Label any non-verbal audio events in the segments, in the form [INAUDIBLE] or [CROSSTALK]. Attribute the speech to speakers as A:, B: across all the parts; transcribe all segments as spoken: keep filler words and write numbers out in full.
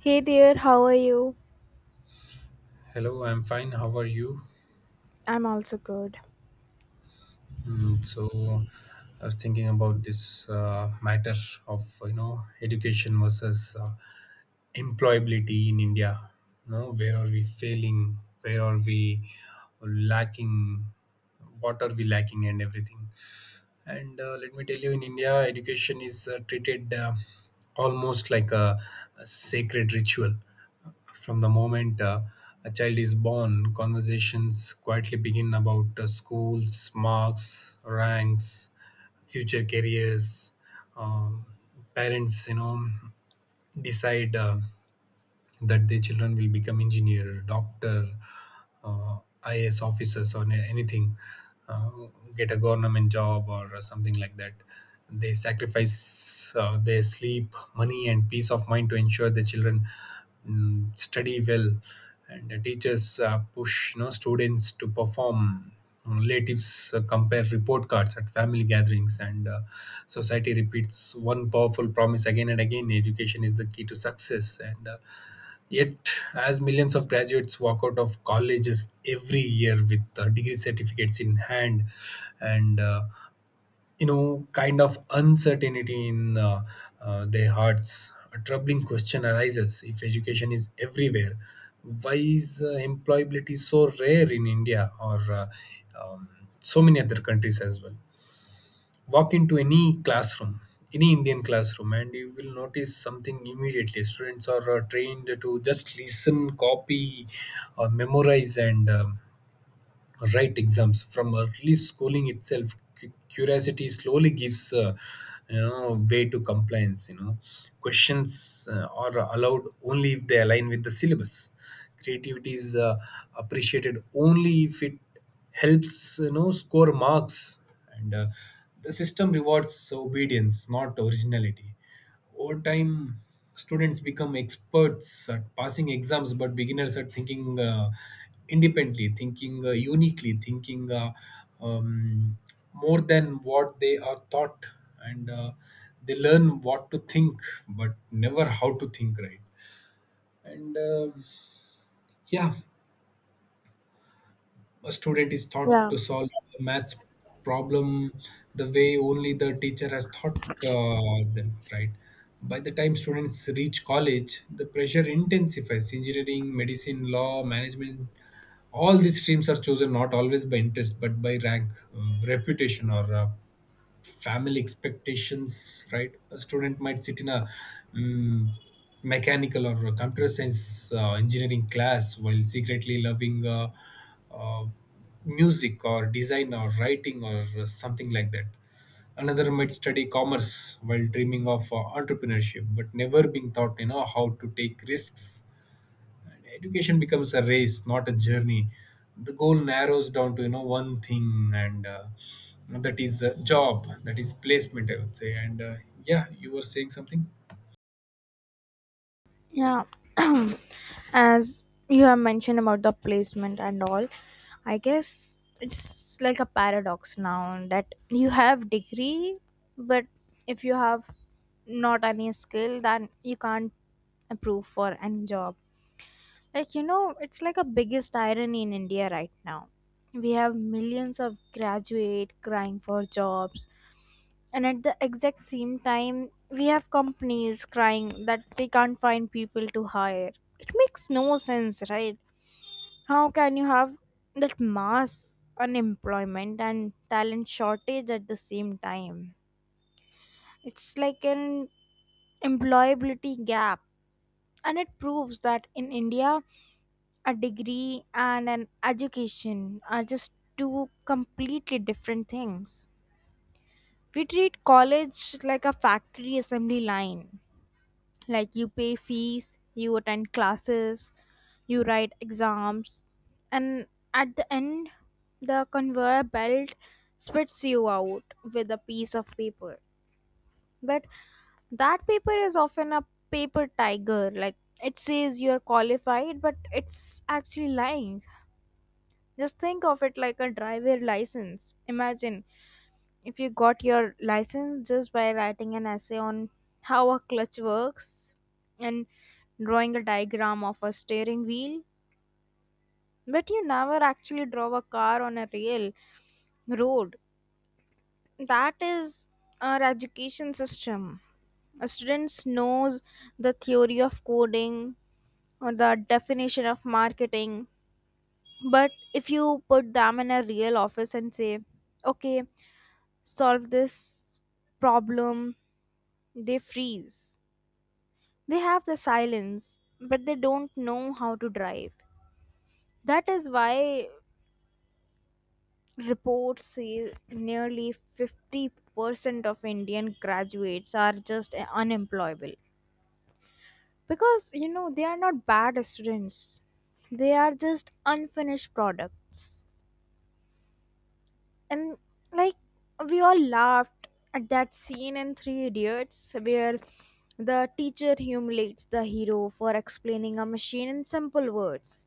A: Hey there, how are you?
B: Hello, I'm fine. How are you?
A: I'm also good.
B: Mm, so, I was thinking about this uh, matter of you know education versus uh, employability in India. You know, where are we failing? Where are we lacking? What are we lacking? And everything. and uh, let me tell you, in india education is uh, treated uh, almost like a, a sacred ritual. From the moment uh, a child is born, conversations quietly begin about uh, schools, marks, ranks, future careers. um, Parents, you know decide uh, that their children will become engineer, doctor, uh, I S officers, or any- anything, uh, get a government job or something like that. They sacrifice uh, their sleep, money, and peace of mind to ensure their children mm, study well. And the teachers uh, push, you know, students to perform. Relatives uh, compare report cards at family gatherings, and uh, society repeats one powerful promise again and again: education is the key to success. And uh, Yet, as millions of graduates walk out of colleges every year with uh, degree certificates in hand, and uh, you know, kind of uncertainty in uh, uh, their hearts, a troubling question arises: if education is everywhere, why is uh, employability so rare in India, or uh, um, so many other countries as well? Walk into any classroom, any indian classroom, and you will notice something immediately: students are uh, trained to just listen, copy, or memorize, and um, right exams. From early schooling itself, cu- curiosity slowly gives uh, you know way to compliance. You know questions uh, are allowed only if they align with the syllabus. Creativity is uh, appreciated only if it helps you know score marks, and uh, the system rewards obedience, not originality. Over time, students become experts at passing exams, but beginners at thinking uh, independently, thinking uh, uniquely, thinking uh, um, more than what they are taught, and uh, they learn what to think, but never how to think right. And uh, yeah, a student is taught
A: Yeah,
B: to solve a maths problem the way only the teacher has taught uh, them, right? By the time students reach college, the pressure intensifies. Engineering, medicine, law, management, all these streams are chosen not always by interest but by rank, um, reputation, or uh, family expectations, right? A student might sit in a mm, mechanical or a computer science uh, engineering class while secretly loving uh, uh, music or design or writing or something like that. Another might study commerce while dreaming of uh, entrepreneurship, but never being taught you know how to take risks. Education becomes a race, not a journey. The goal narrows down to you know one thing, and uh, that is a job, that is placement, I would say. And uh, yeah, you were saying something.
A: yeah. [CLEARS THROAT] As you have mentioned about the placement and all, I guess it's like a paradox now that you have degree, but if you have not any skill, then you can't approve for any job. Like you know, it's like a biggest irony in India right now. We have millions of graduate crying for jobs, and at the exact same time we have companies crying that they can't find people to hire. It makes no sense, right? How can you have that mass unemployment and talent shortage at the same time? It's like an employability gap, and it proves that in India a degree and an education are just two completely different things. We treat college like a factory assembly line. Like, you pay fees, you attend classes, you write exams, and at the end the conveyor belt spits you out with a piece of paper. But that paper is often a paper tiger. Like, it says you are qualified but it's actually lying. Just think of it like a driver license. Imagine if you got your license just by writing an essay on how a clutch works and drawing a diagram of a steering wheel, but you never actually drove a car on a real road. That is our education system. A student knows the theory of coding or the definition of marketing, but if you put them in a real office and say, okay, solve this problem, they freeze. They have the silence, but they don't know how to drive. That is why reports say nearly fifty percent of Indian graduates are just unemployable. Because, you know, they are not bad students, they are just unfinished products. And, like, we all laughed at that scene in Three Idiots where the teacher humiliates the hero for explaining a machine in simple words.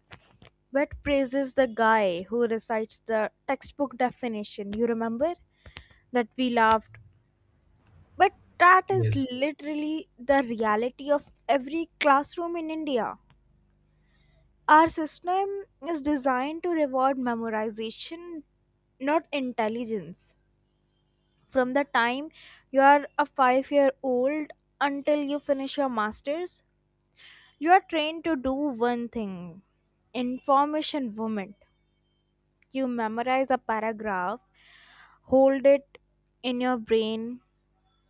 A: Wet praises the guy who recites the textbook definition. You remember that we laughed. But that is
B: Yes.
A: literally the reality of every classroom in India. Our system is designed to reward memorization, not intelligence. From the time you are a five year old until you finish your master's, you are trained to do one thing: information vomit. You memorize a paragraph, hold it in your brain,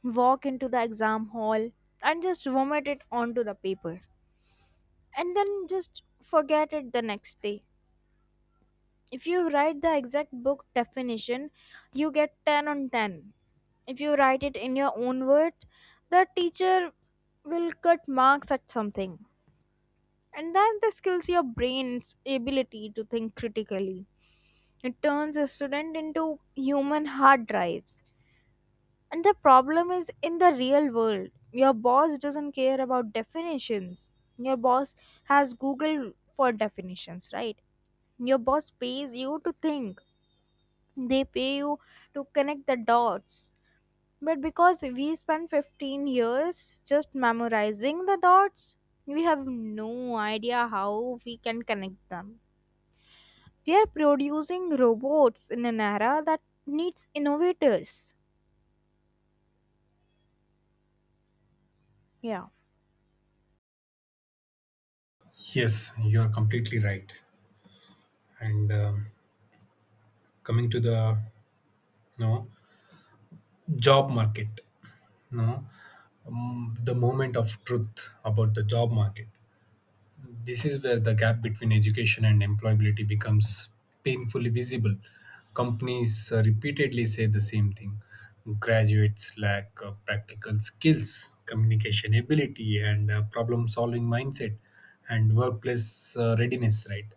A: walk into the exam hall, and just vomit it onto the paper. And then just forget it the next day. If you write the exact book definition, you get ten on ten. If you write it in your own words, the teacher will cut marks at something. And then this kills your brain's ability to think critically. It turns a student into human hard drives. And the problem is, in the real world, your boss doesn't care about definitions. Your boss has Google for definitions, right? Your boss pays you to think, they pay you to connect the dots. But because we spent fifteen years just memorizing the dots, we have no idea how we can connect them. We are producing robots in an era that needs innovators. Yeah.
B: Yes, you are completely right. And um coming to the, no, job market, no, um, the moment of truth about the job market. This is where the gap between education and employability becomes painfully visible. Companies uh, repeatedly say the same thing. Graduates lack uh, practical skills, communication ability, and uh, problem solving mindset, and workplace uh, readiness, right?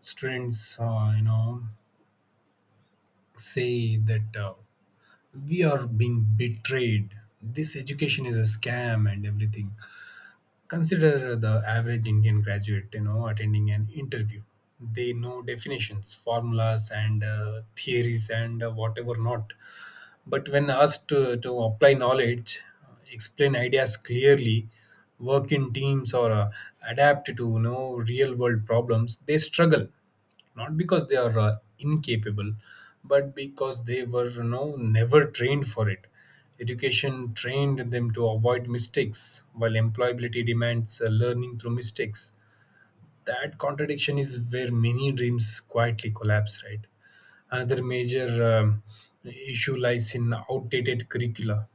B: Students, uh, you know, say that uh, we are being betrayed. This education is a scam and everything. Consider the average Indian graduate, you know, attending an interview. They know definitions, formulas, and uh, theories, and uh, whatever not. But when asked to, to apply knowledge, uh, explain ideas clearly, work in teams, or uh, adapt to, you know, real world problems, they struggle. Not because they are uh, incapable, but because they were, you know, never trained for it. Education trained them to avoid mistakes, while employability demands uh, learning through mistakes. That contradiction is where many dreams quietly collapse, right? Another major um, issue lies in outdated curricula.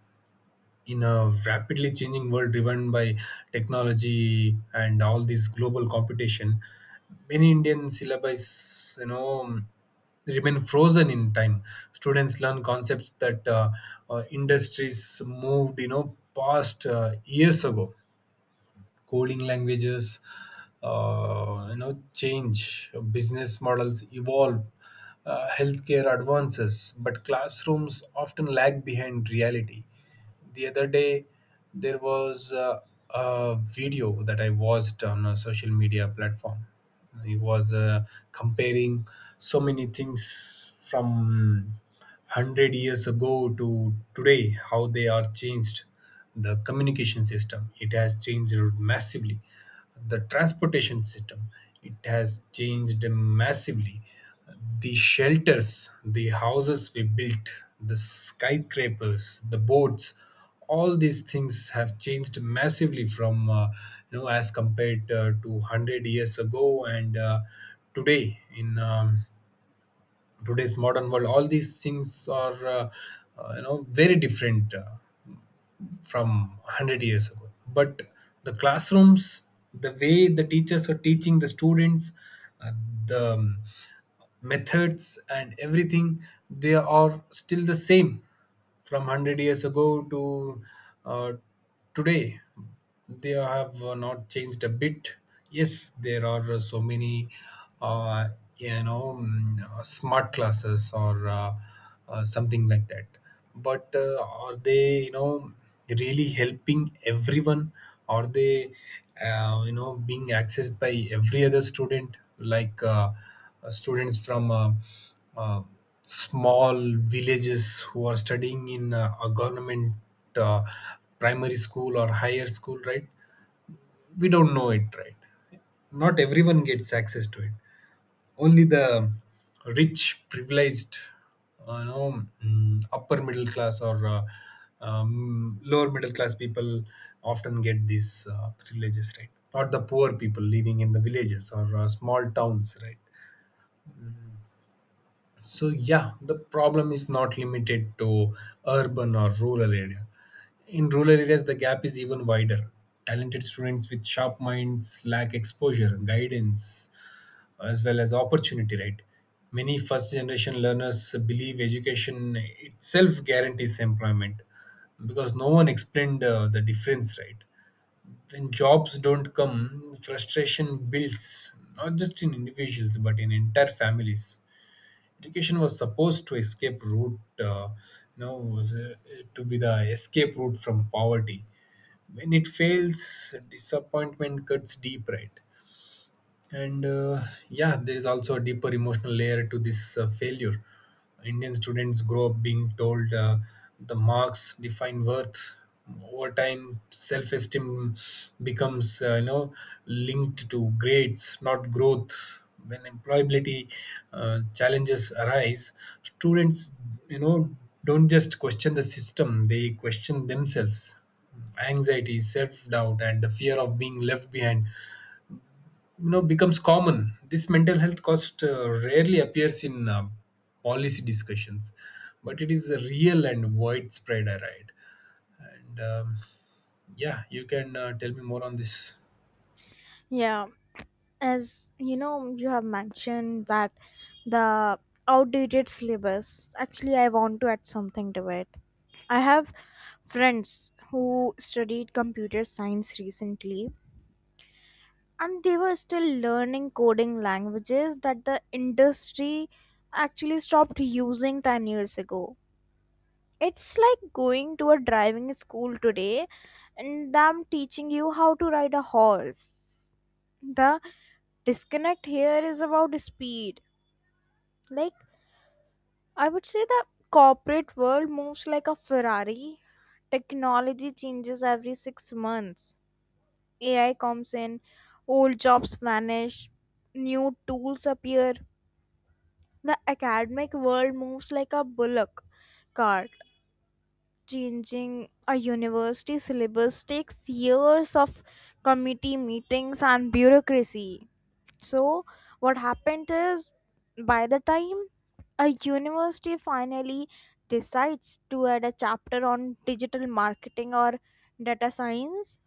B: In a rapidly changing world driven by technology and all this global competition, many indian syllabi, you know, remain frozen in time. Students learn concepts that uh, uh, industries moved, you know, past uh, years ago. Coding languages uh, you know change, business models evolve, uh, healthcare advances, but classrooms often lag behind reality. The other day there was uh, a video that I watched on a social media platform. He was uh, comparing so many things from one hundred years ago to today, how they are changed. The communication system, it has changed massively. The transportation system, it has changed massively. The shelters, the houses we built, the skyscrapers, the boats, all these things have changed massively from uh, you know as compared uh, to one hundred years ago, and uh, today, in um, today's modern world, all these things are uh, uh, you know very different Uh, from one hundred years ago. But the classrooms, the way the teachers are teaching the students, uh, the um, methods and everything, they are still the same, from one hundred years ago to uh, today. They have uh, not changed a bit. Yes, there are uh, so many uh, you know mm, uh, smart classes or uh, uh, something like that. But uh, are they, you know, really helping everyone? Are they uh, you know being accessed by every other student? Like uh, uh, students from uh, uh, small villages who are studying in uh, a government uh, primary school or higher school, right? We don't know it, right? Not everyone gets access to it. Only the rich, privileged, uh, you know mm, upper middle class or uh, um, lower middle class people often get these uh, privileges, right? Not the poor people living in the villages or uh, small towns, right? So yeah, the problem is not limited to urban or rural area. In rural areas, the gap is even wider. Talented students with sharp minds lack exposure, guidance, as well as opportunity. Right? Many first-generation learners believe education itself guarantees employment because no one explained uh, the difference. Right? When jobs don't come, frustration builds, not just in individuals but in entire families. Education was supposed to escape route, uh, you know was uh, to be the escape route from poverty. When it fails, disappointment cuts deep, right? And uh, yeah, there is also a deeper emotional layer to this uh, failure. Indian students grow up being told uh, the marks define worth. Over time, self-esteem becomes uh, you know linked to grades, not growth. When employability uh, challenges arise, students, you know, don't just question the system, they question themselves. Anxiety, self doubt, and the fear of being left behind, you know, becomes common. This mental health cost uh, rarely appears in uh, policy discussions, but it is real and widespread. I right, and um, yeah, you can uh, tell me more on this.
A: Yeah, as you know, you have mentioned that the outdated syllabus, actually I want to add something to it. I have friends who studied computer science recently, and they were still learning coding languages that the industry actually stopped using ten years ago. It's like going to a driving school today and them teaching you how to ride a horse. The disconnect here is about speed. Like, I would say the corporate world moves like a Ferrari. Technology changes every six months. A I comes in, old jobs vanish, new tools appear. The academic world moves like a bullock cart. Changing a university syllabus takes years of committee meetings and bureaucracy. So, what happened is, by the time a university finally decides to add a chapter on digital marketing or data science,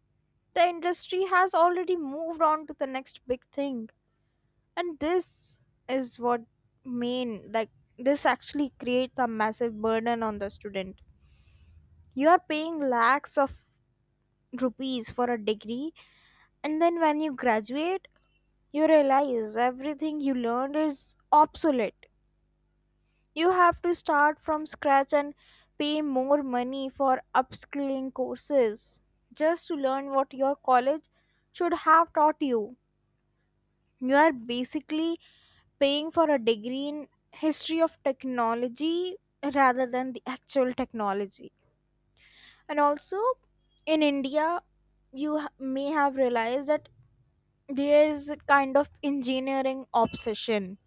A: the industry has already moved on to the next big thing. And this is what main, like, this actually creates a massive burden on the student. You are paying lakhs of rupees for a degree, and then when you graduate you realize everything you learned is obsolete. You have to start from scratch and pay more money for upskilling courses just to learn what your college should have taught you. You are basically paying for a degree in history of technology rather than the actual technology. And also in India, you ha- may have realized that there is a kind of engineering obsession.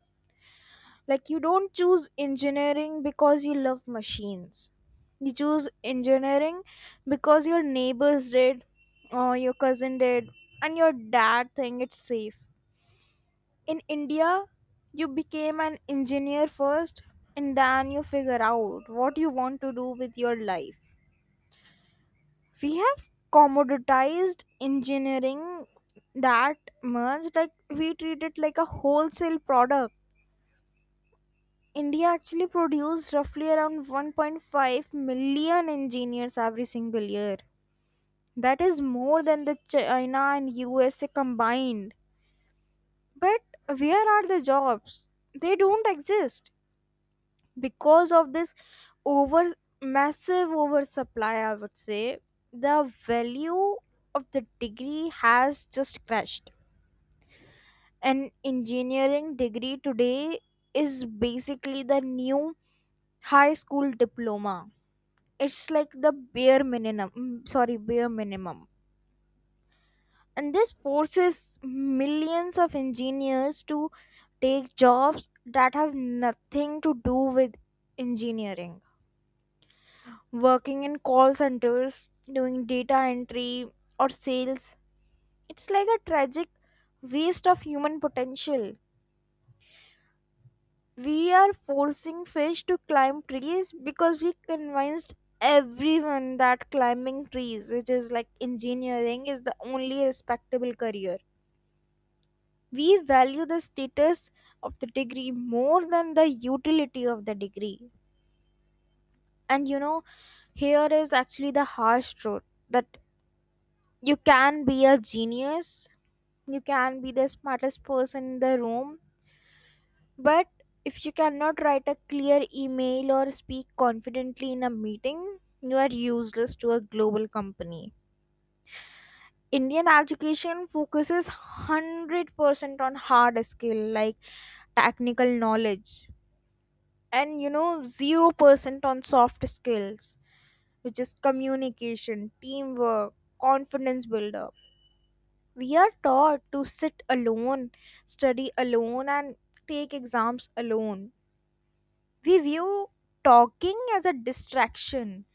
A: Like, you don't choose engineering because you love machines. You choose engineering because your neighbors did, or your cousin did, and your dad think it's safe. In India, you became an engineer first, and then you figure out what you want to do with your life. We have commoditized engineering that much. Like, we treat it like a wholesale product. India actually produces roughly around one point five million engineers every single year. That is more than the China and U S A combined. But where are the jobs? They don't exist because of this over massive oversupply, I would say. The value of the degree has just crashed. An engineering degree today is basically the new high school diploma. It's like the bare minimum. Mm, sorry, bare minimum. And this forces millions of engineers to take jobs that have nothing to do with engineering, working in call centers, doing data entry, or sales. It's like a tragic waste of human potential. We are forcing fish to climb trees because we convinced everyone that climbing trees, which is like engineering, is the only respectable career. We value the status of the degree more than the utility of the degree. And you know, here is actually the harsh truth, that you can be a genius, you can be the smartest person in the room, but if you cannot write a clear email or speak confidently in a meeting, you are useless to a global company. Indian education focuses one hundred percent on hard skill, like technical knowledge, and you know, zero percent on soft skills, which is communication, teamwork, confidence builder. We are taught to sit alone, study alone, and take exams alone. We view talking as a distraction.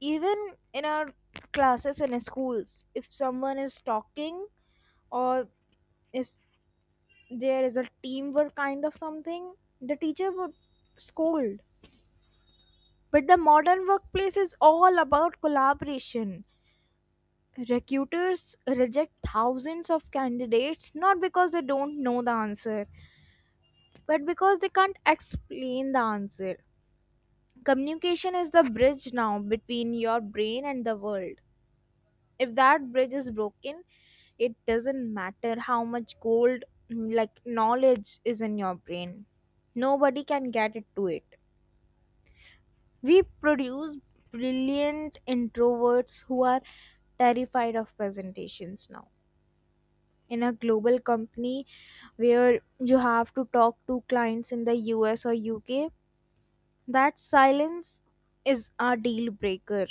A: Even in our classes and schools, if someone is talking or if there is a teamwork kind of something, the teacher would scold. But the modern workplace is all about collaboration. Recruiters reject thousands of candidates not because they don't know the answer, but because they can't explain the answer. Communication is the bridge now between your brain and the world. If that bridge is broken, it doesn't matter how much gold, mm, like, knowledge is in your brain, nobody can get it to it. We produce brilliant introverts who are terrified of presentations. Now in a global company where you have to talk to clients in the U S or U K, that silence is a deal breaker.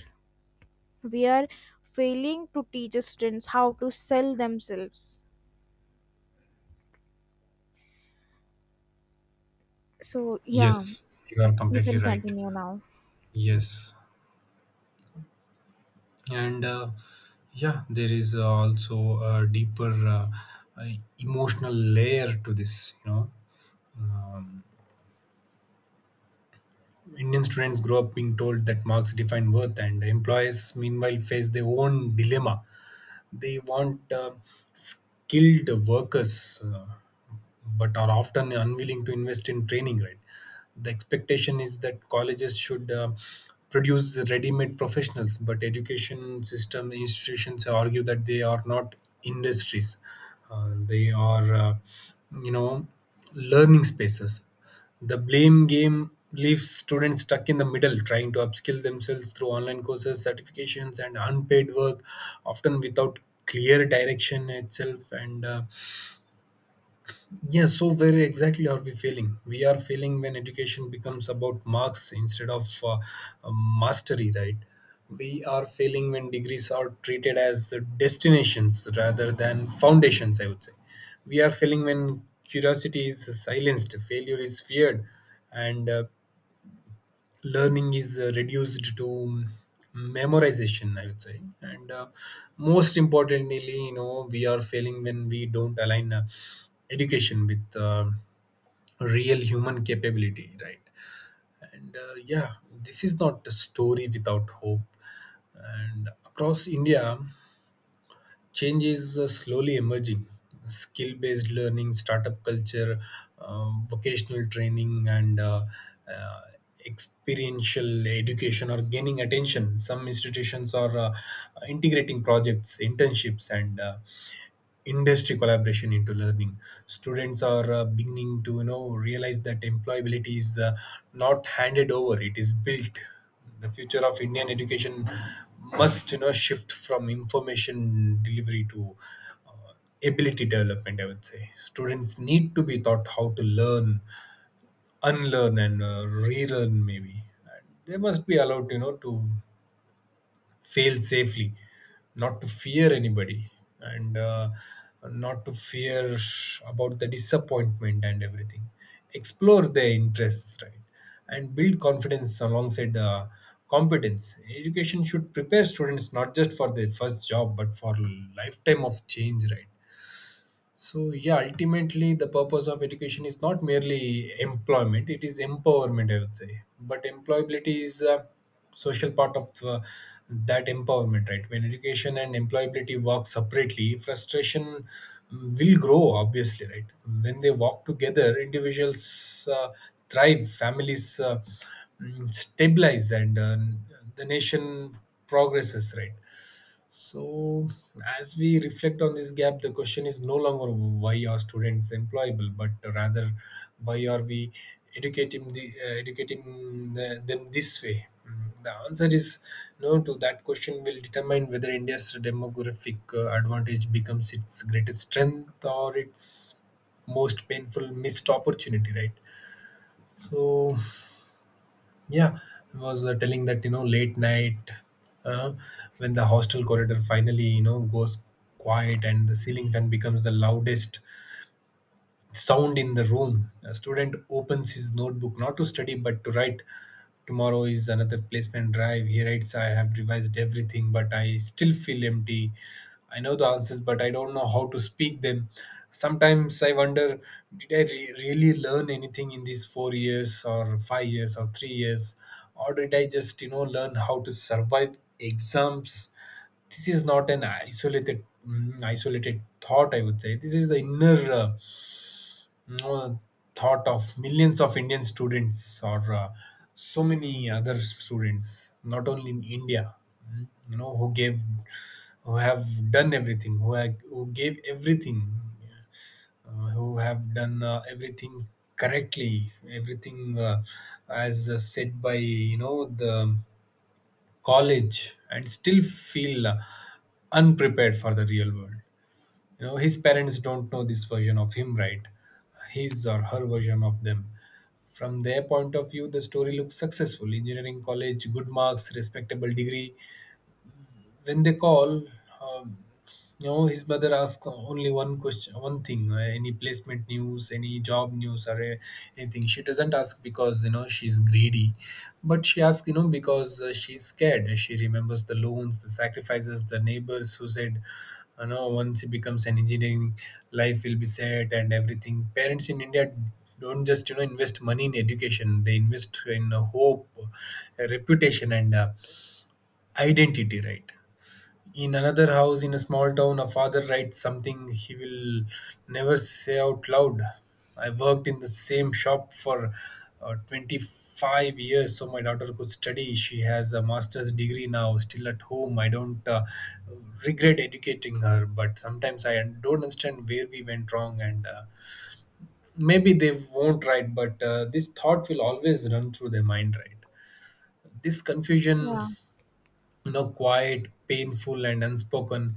A: We are failing to teach students how to sell themselves. So, yeah,
B: Yes, you are
A: you
B: completely
A: can
B: right.
A: continue now.
B: Yes, and uh, yeah, there is uh, also a deeper uh, uh, emotional layer to this, you know um, Indian students grow up being told that marks define worth, and employers meanwhile face their own dilemma. They want uh, skilled workers. Uh, but are often unwilling to invest in training, right? The expectation is that colleges should uh, produce ready-made professionals, but education system institutions argue that they are not industries. Uh, they are uh, you know learning spaces. The blame game leaves students stuck in the middle, trying to upskill themselves through online courses, certifications, and unpaid work, often without clear direction itself. And uh, Yes, so very exactly, are we failing? We are failing when education becomes about marks instead of uh, uh, mastery, right? We are failing when degrees are treated as destinations rather than foundations, I would say. We are failing when curiosity is silenced, failure is feared, and uh, learning is uh, reduced to memorization, I would say. And uh, most importantly, you know, we are failing when we don't align uh, education with uh, real human capability, right? And uh, yeah, this is not a story without hope. And across india, change is uh, slowly emerging. Skill based learning, startup culture, um, vocational training, and uh, uh, experiential education are gaining attention. Some institutions are uh, integrating projects, internships, and uh, industry collaboration into learning. Students are uh, beginning to, you know, realize that employability is uh, not handed over, it is built. The future of Indian education must, you know, shift from information delivery to uh, ability development. I would say students need to be taught how to learn, unlearn, and uh, relearn. Maybe they must be allowed, you know, to fail safely, not to fear anybody, and uh, not to fear about the disappointment and everything. Explore their interests, right, and build confidence alongside uh, competence. Education should prepare students not just for their first job but for lifetime of change, right? So, yeah, ultimately, the purpose of education is not merely employment, it is empowerment, I would say. But employability is a social part of uh, that empowerment, right? When education and employability work separately, frustration mm, will grow, obviously, right? When they work together, individuals uh, thrive, families uh, mm, stabilize, and uh, the nation progresses, right? So, as we reflect on this gap, the question is no longer why are students employable, but rather why are we educating the uh, educating the, them this way? Mm, The answer is no to that question will determine whether India's demographic uh, advantage becomes its greatest strength or its most painful missed opportunity, right? So, yeah, I was uh, telling that, you know, late night, uh, when the hostel corridor finally, you know, goes quiet and the ceiling fan becomes the loudest sound in the room. A student opens his notebook not to study but to write. Tomorrow is another placement drive. He writes, I have revised everything, but I still feel empty. I know the answers, but I don't know how to speak them. Sometimes I wonder, did I re- really learn anything in these four years, or five years, or three years? Or did I just, you know, learn how to survive exams? This is not an isolated, mm, isolated thought, I would say. This is the inner. Uh, uh, thought of millions of Indian students or uh, so many other students, not only in India, mm, you know, who gave, who have done everything, who have, who gave everything, uh, who have done uh, everything correctly, everything uh, as uh, said by, you know, the college, and still feel uh, unprepared for the real world. You know, his parents don't know this version of him, right? His or her version of them, from their point of view, the story looks successful: engineering college, good marks, respectable degree. When they call, um, you know his mother asks only one question, one thing, uh, any placement news, any job news, or uh, anything. She doesn't ask because, you know, she's greedy, but she asks, you know, because uh, she's scared. She remembers the loans, the sacrifices, the neighbors who said, you know, once he becomes an engineering, life will be set and everything. Parents in india don't just, you know, invest money in education, they invest in uh, hope, uh, reputation, and uh, identity, right? In another house in a small town, a father writes something he will never say out loud. I worked in the same shop for uh, twenty-five years so my daughter could study. She has a master's degree now, still at home. I don't uh, regret educating her, but sometimes I don't understand where we went wrong, and uh, maybe they won't, write, but uh, this thought will always run through their mind, right? This confusion,
A: Yeah,
B: you know, quiet, painful, and unspoken,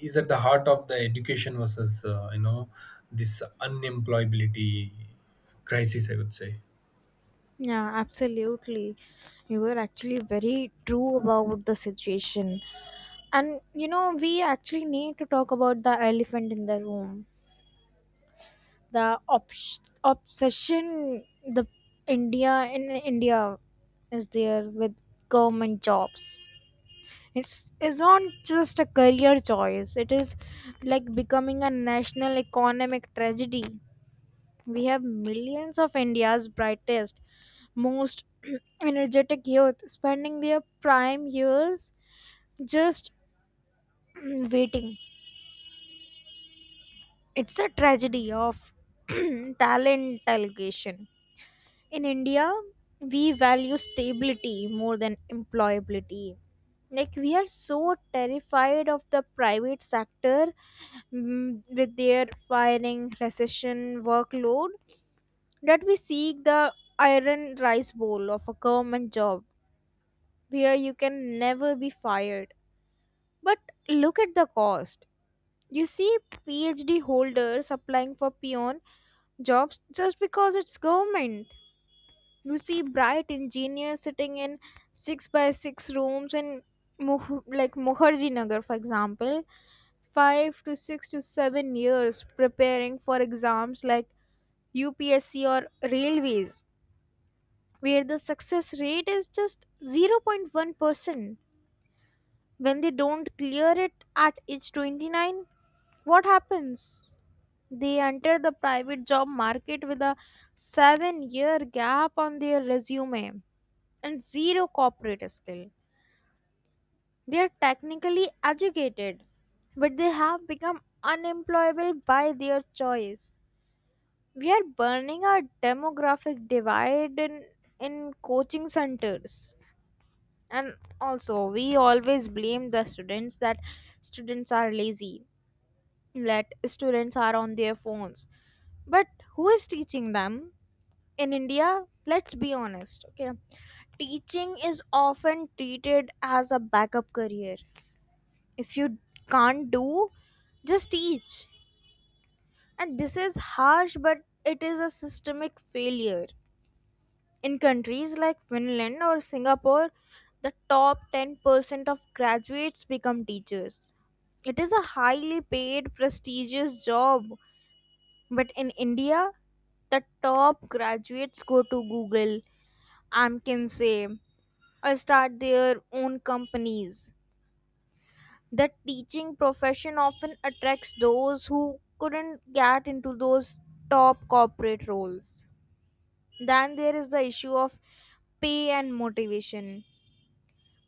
B: is at the heart of the education versus, uh, you know this unemployability crisis, I would say.
A: yeah, absolutely. You were actually very true about the situation. And, you know, we actually need to talk about the elephant in the room. The obs- obsession the India, in India, is there with government jobs. It's, it's not just a career choice. It is like becoming a national economic tragedy. We have millions of India's brightest, most [CLEARS THROAT] energetic youth spending their prime years just [CLEARS THROAT] waiting. It's a tragedy of [CLEARS THROAT] talent allocation. In India, we value stability more than employability. Like, we are so terrified of the private sector, mm, with their firing, recession, workload, that we seek the iron rice bowl of a government job where you can never be fired. But look at the cost. You see PhD holders applying for peon jobs just because it's government. You see bright engineers sitting in six by six rooms in Muh- like Mukherjee Nagar, for example, five to six to seven years preparing for exams like U P S C or railways, where the success rate is just zero point one percent. When they don't clear it at age twenty-nine, what happens? They enter the private job market with a seven year gap on their resume and zero corporate skill. They are technically educated, but they have become unemployable by their choice. We are burning our demographic divide in, in, coaching centers. And also, we always blame the students, that students are lazy, that students are on their phones, but who is teaching them in India? Let's be honest, okay. Teaching is often treated as a backup career. If you can't do, just teach. And this is harsh, but it is a systemic failure. In countries like Finland or Singapore, the top ten percent of graduates become teachers. It is a highly paid, prestigious job. But in India, the top graduates go to Google, McKinsey, or start their own companies. The teaching profession often attracts those who couldn't get into those top corporate roles. Then there is the issue of pay and motivation.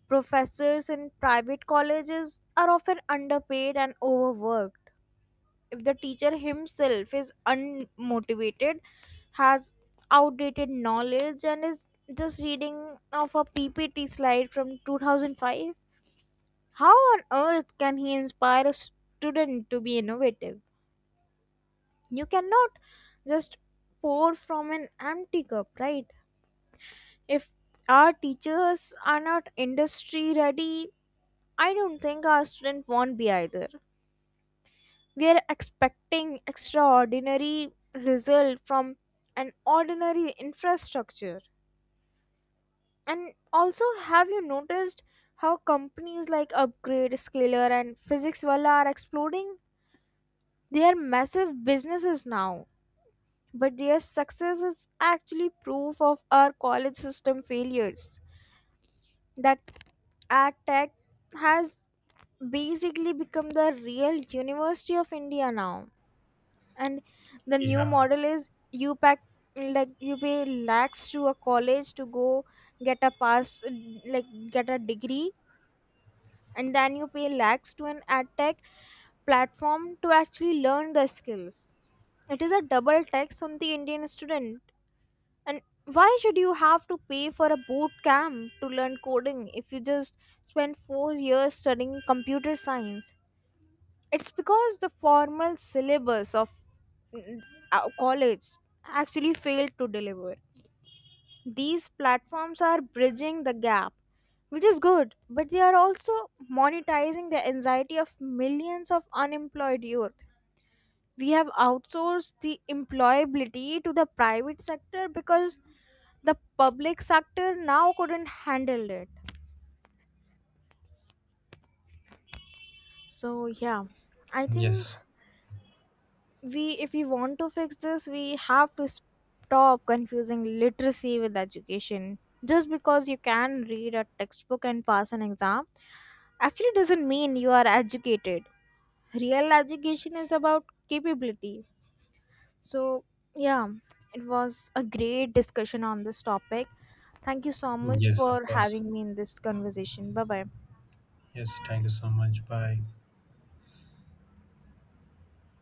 A: Professors in private colleges are often underpaid and overworked. If the teacher himself is unmotivated, has outdated knowledge, and is just reading off a P P T slide from two thousand five, how on earth can he inspire a student to be innovative? You cannot just pour from an empty cup, right? If our teachers are not industry ready, I don't think our student won't be either. We are expecting extraordinary result from an ordinary infrastructure. And also, have you noticed how companies like Upgrade, Scalar, and PhysicsWalla are exploding? They are massive businesses now, but their success is actually proof of our college system failures. That ad tech has basically become the real University of India now. And the new
B: Yeah.
A: model is, you pack, like you pay lakhs to a college to go get a pass, like get a degree, and then you pay lakhs to an ad tech platform to actually learn the skills. It is a double tax on the Indian student. And why should you have to pay for a boot camp to learn coding if you just spend four years studying computer science? It's because the formal syllabus of mm, uh, college actually failed to deliver. These platforms are bridging the gap, which is good, but they are also monetizing the anxiety of millions of unemployed youth. We have outsourced the employability to the private sector because the public sector now couldn't handle it. So, yeah, I think,
B: Yes.
A: we if we want to fix this, we have to stop confusing literacy with education. Just because you can read a textbook and pass an exam actually doesn't mean you are educated. Real education is about capability. So, yeah, it was a great discussion on this topic. Thank you so much
B: Yes, of
A: for
B: course.
A: having me in this conversation. Bye bye.
B: Yes. Thank you so much. Bye.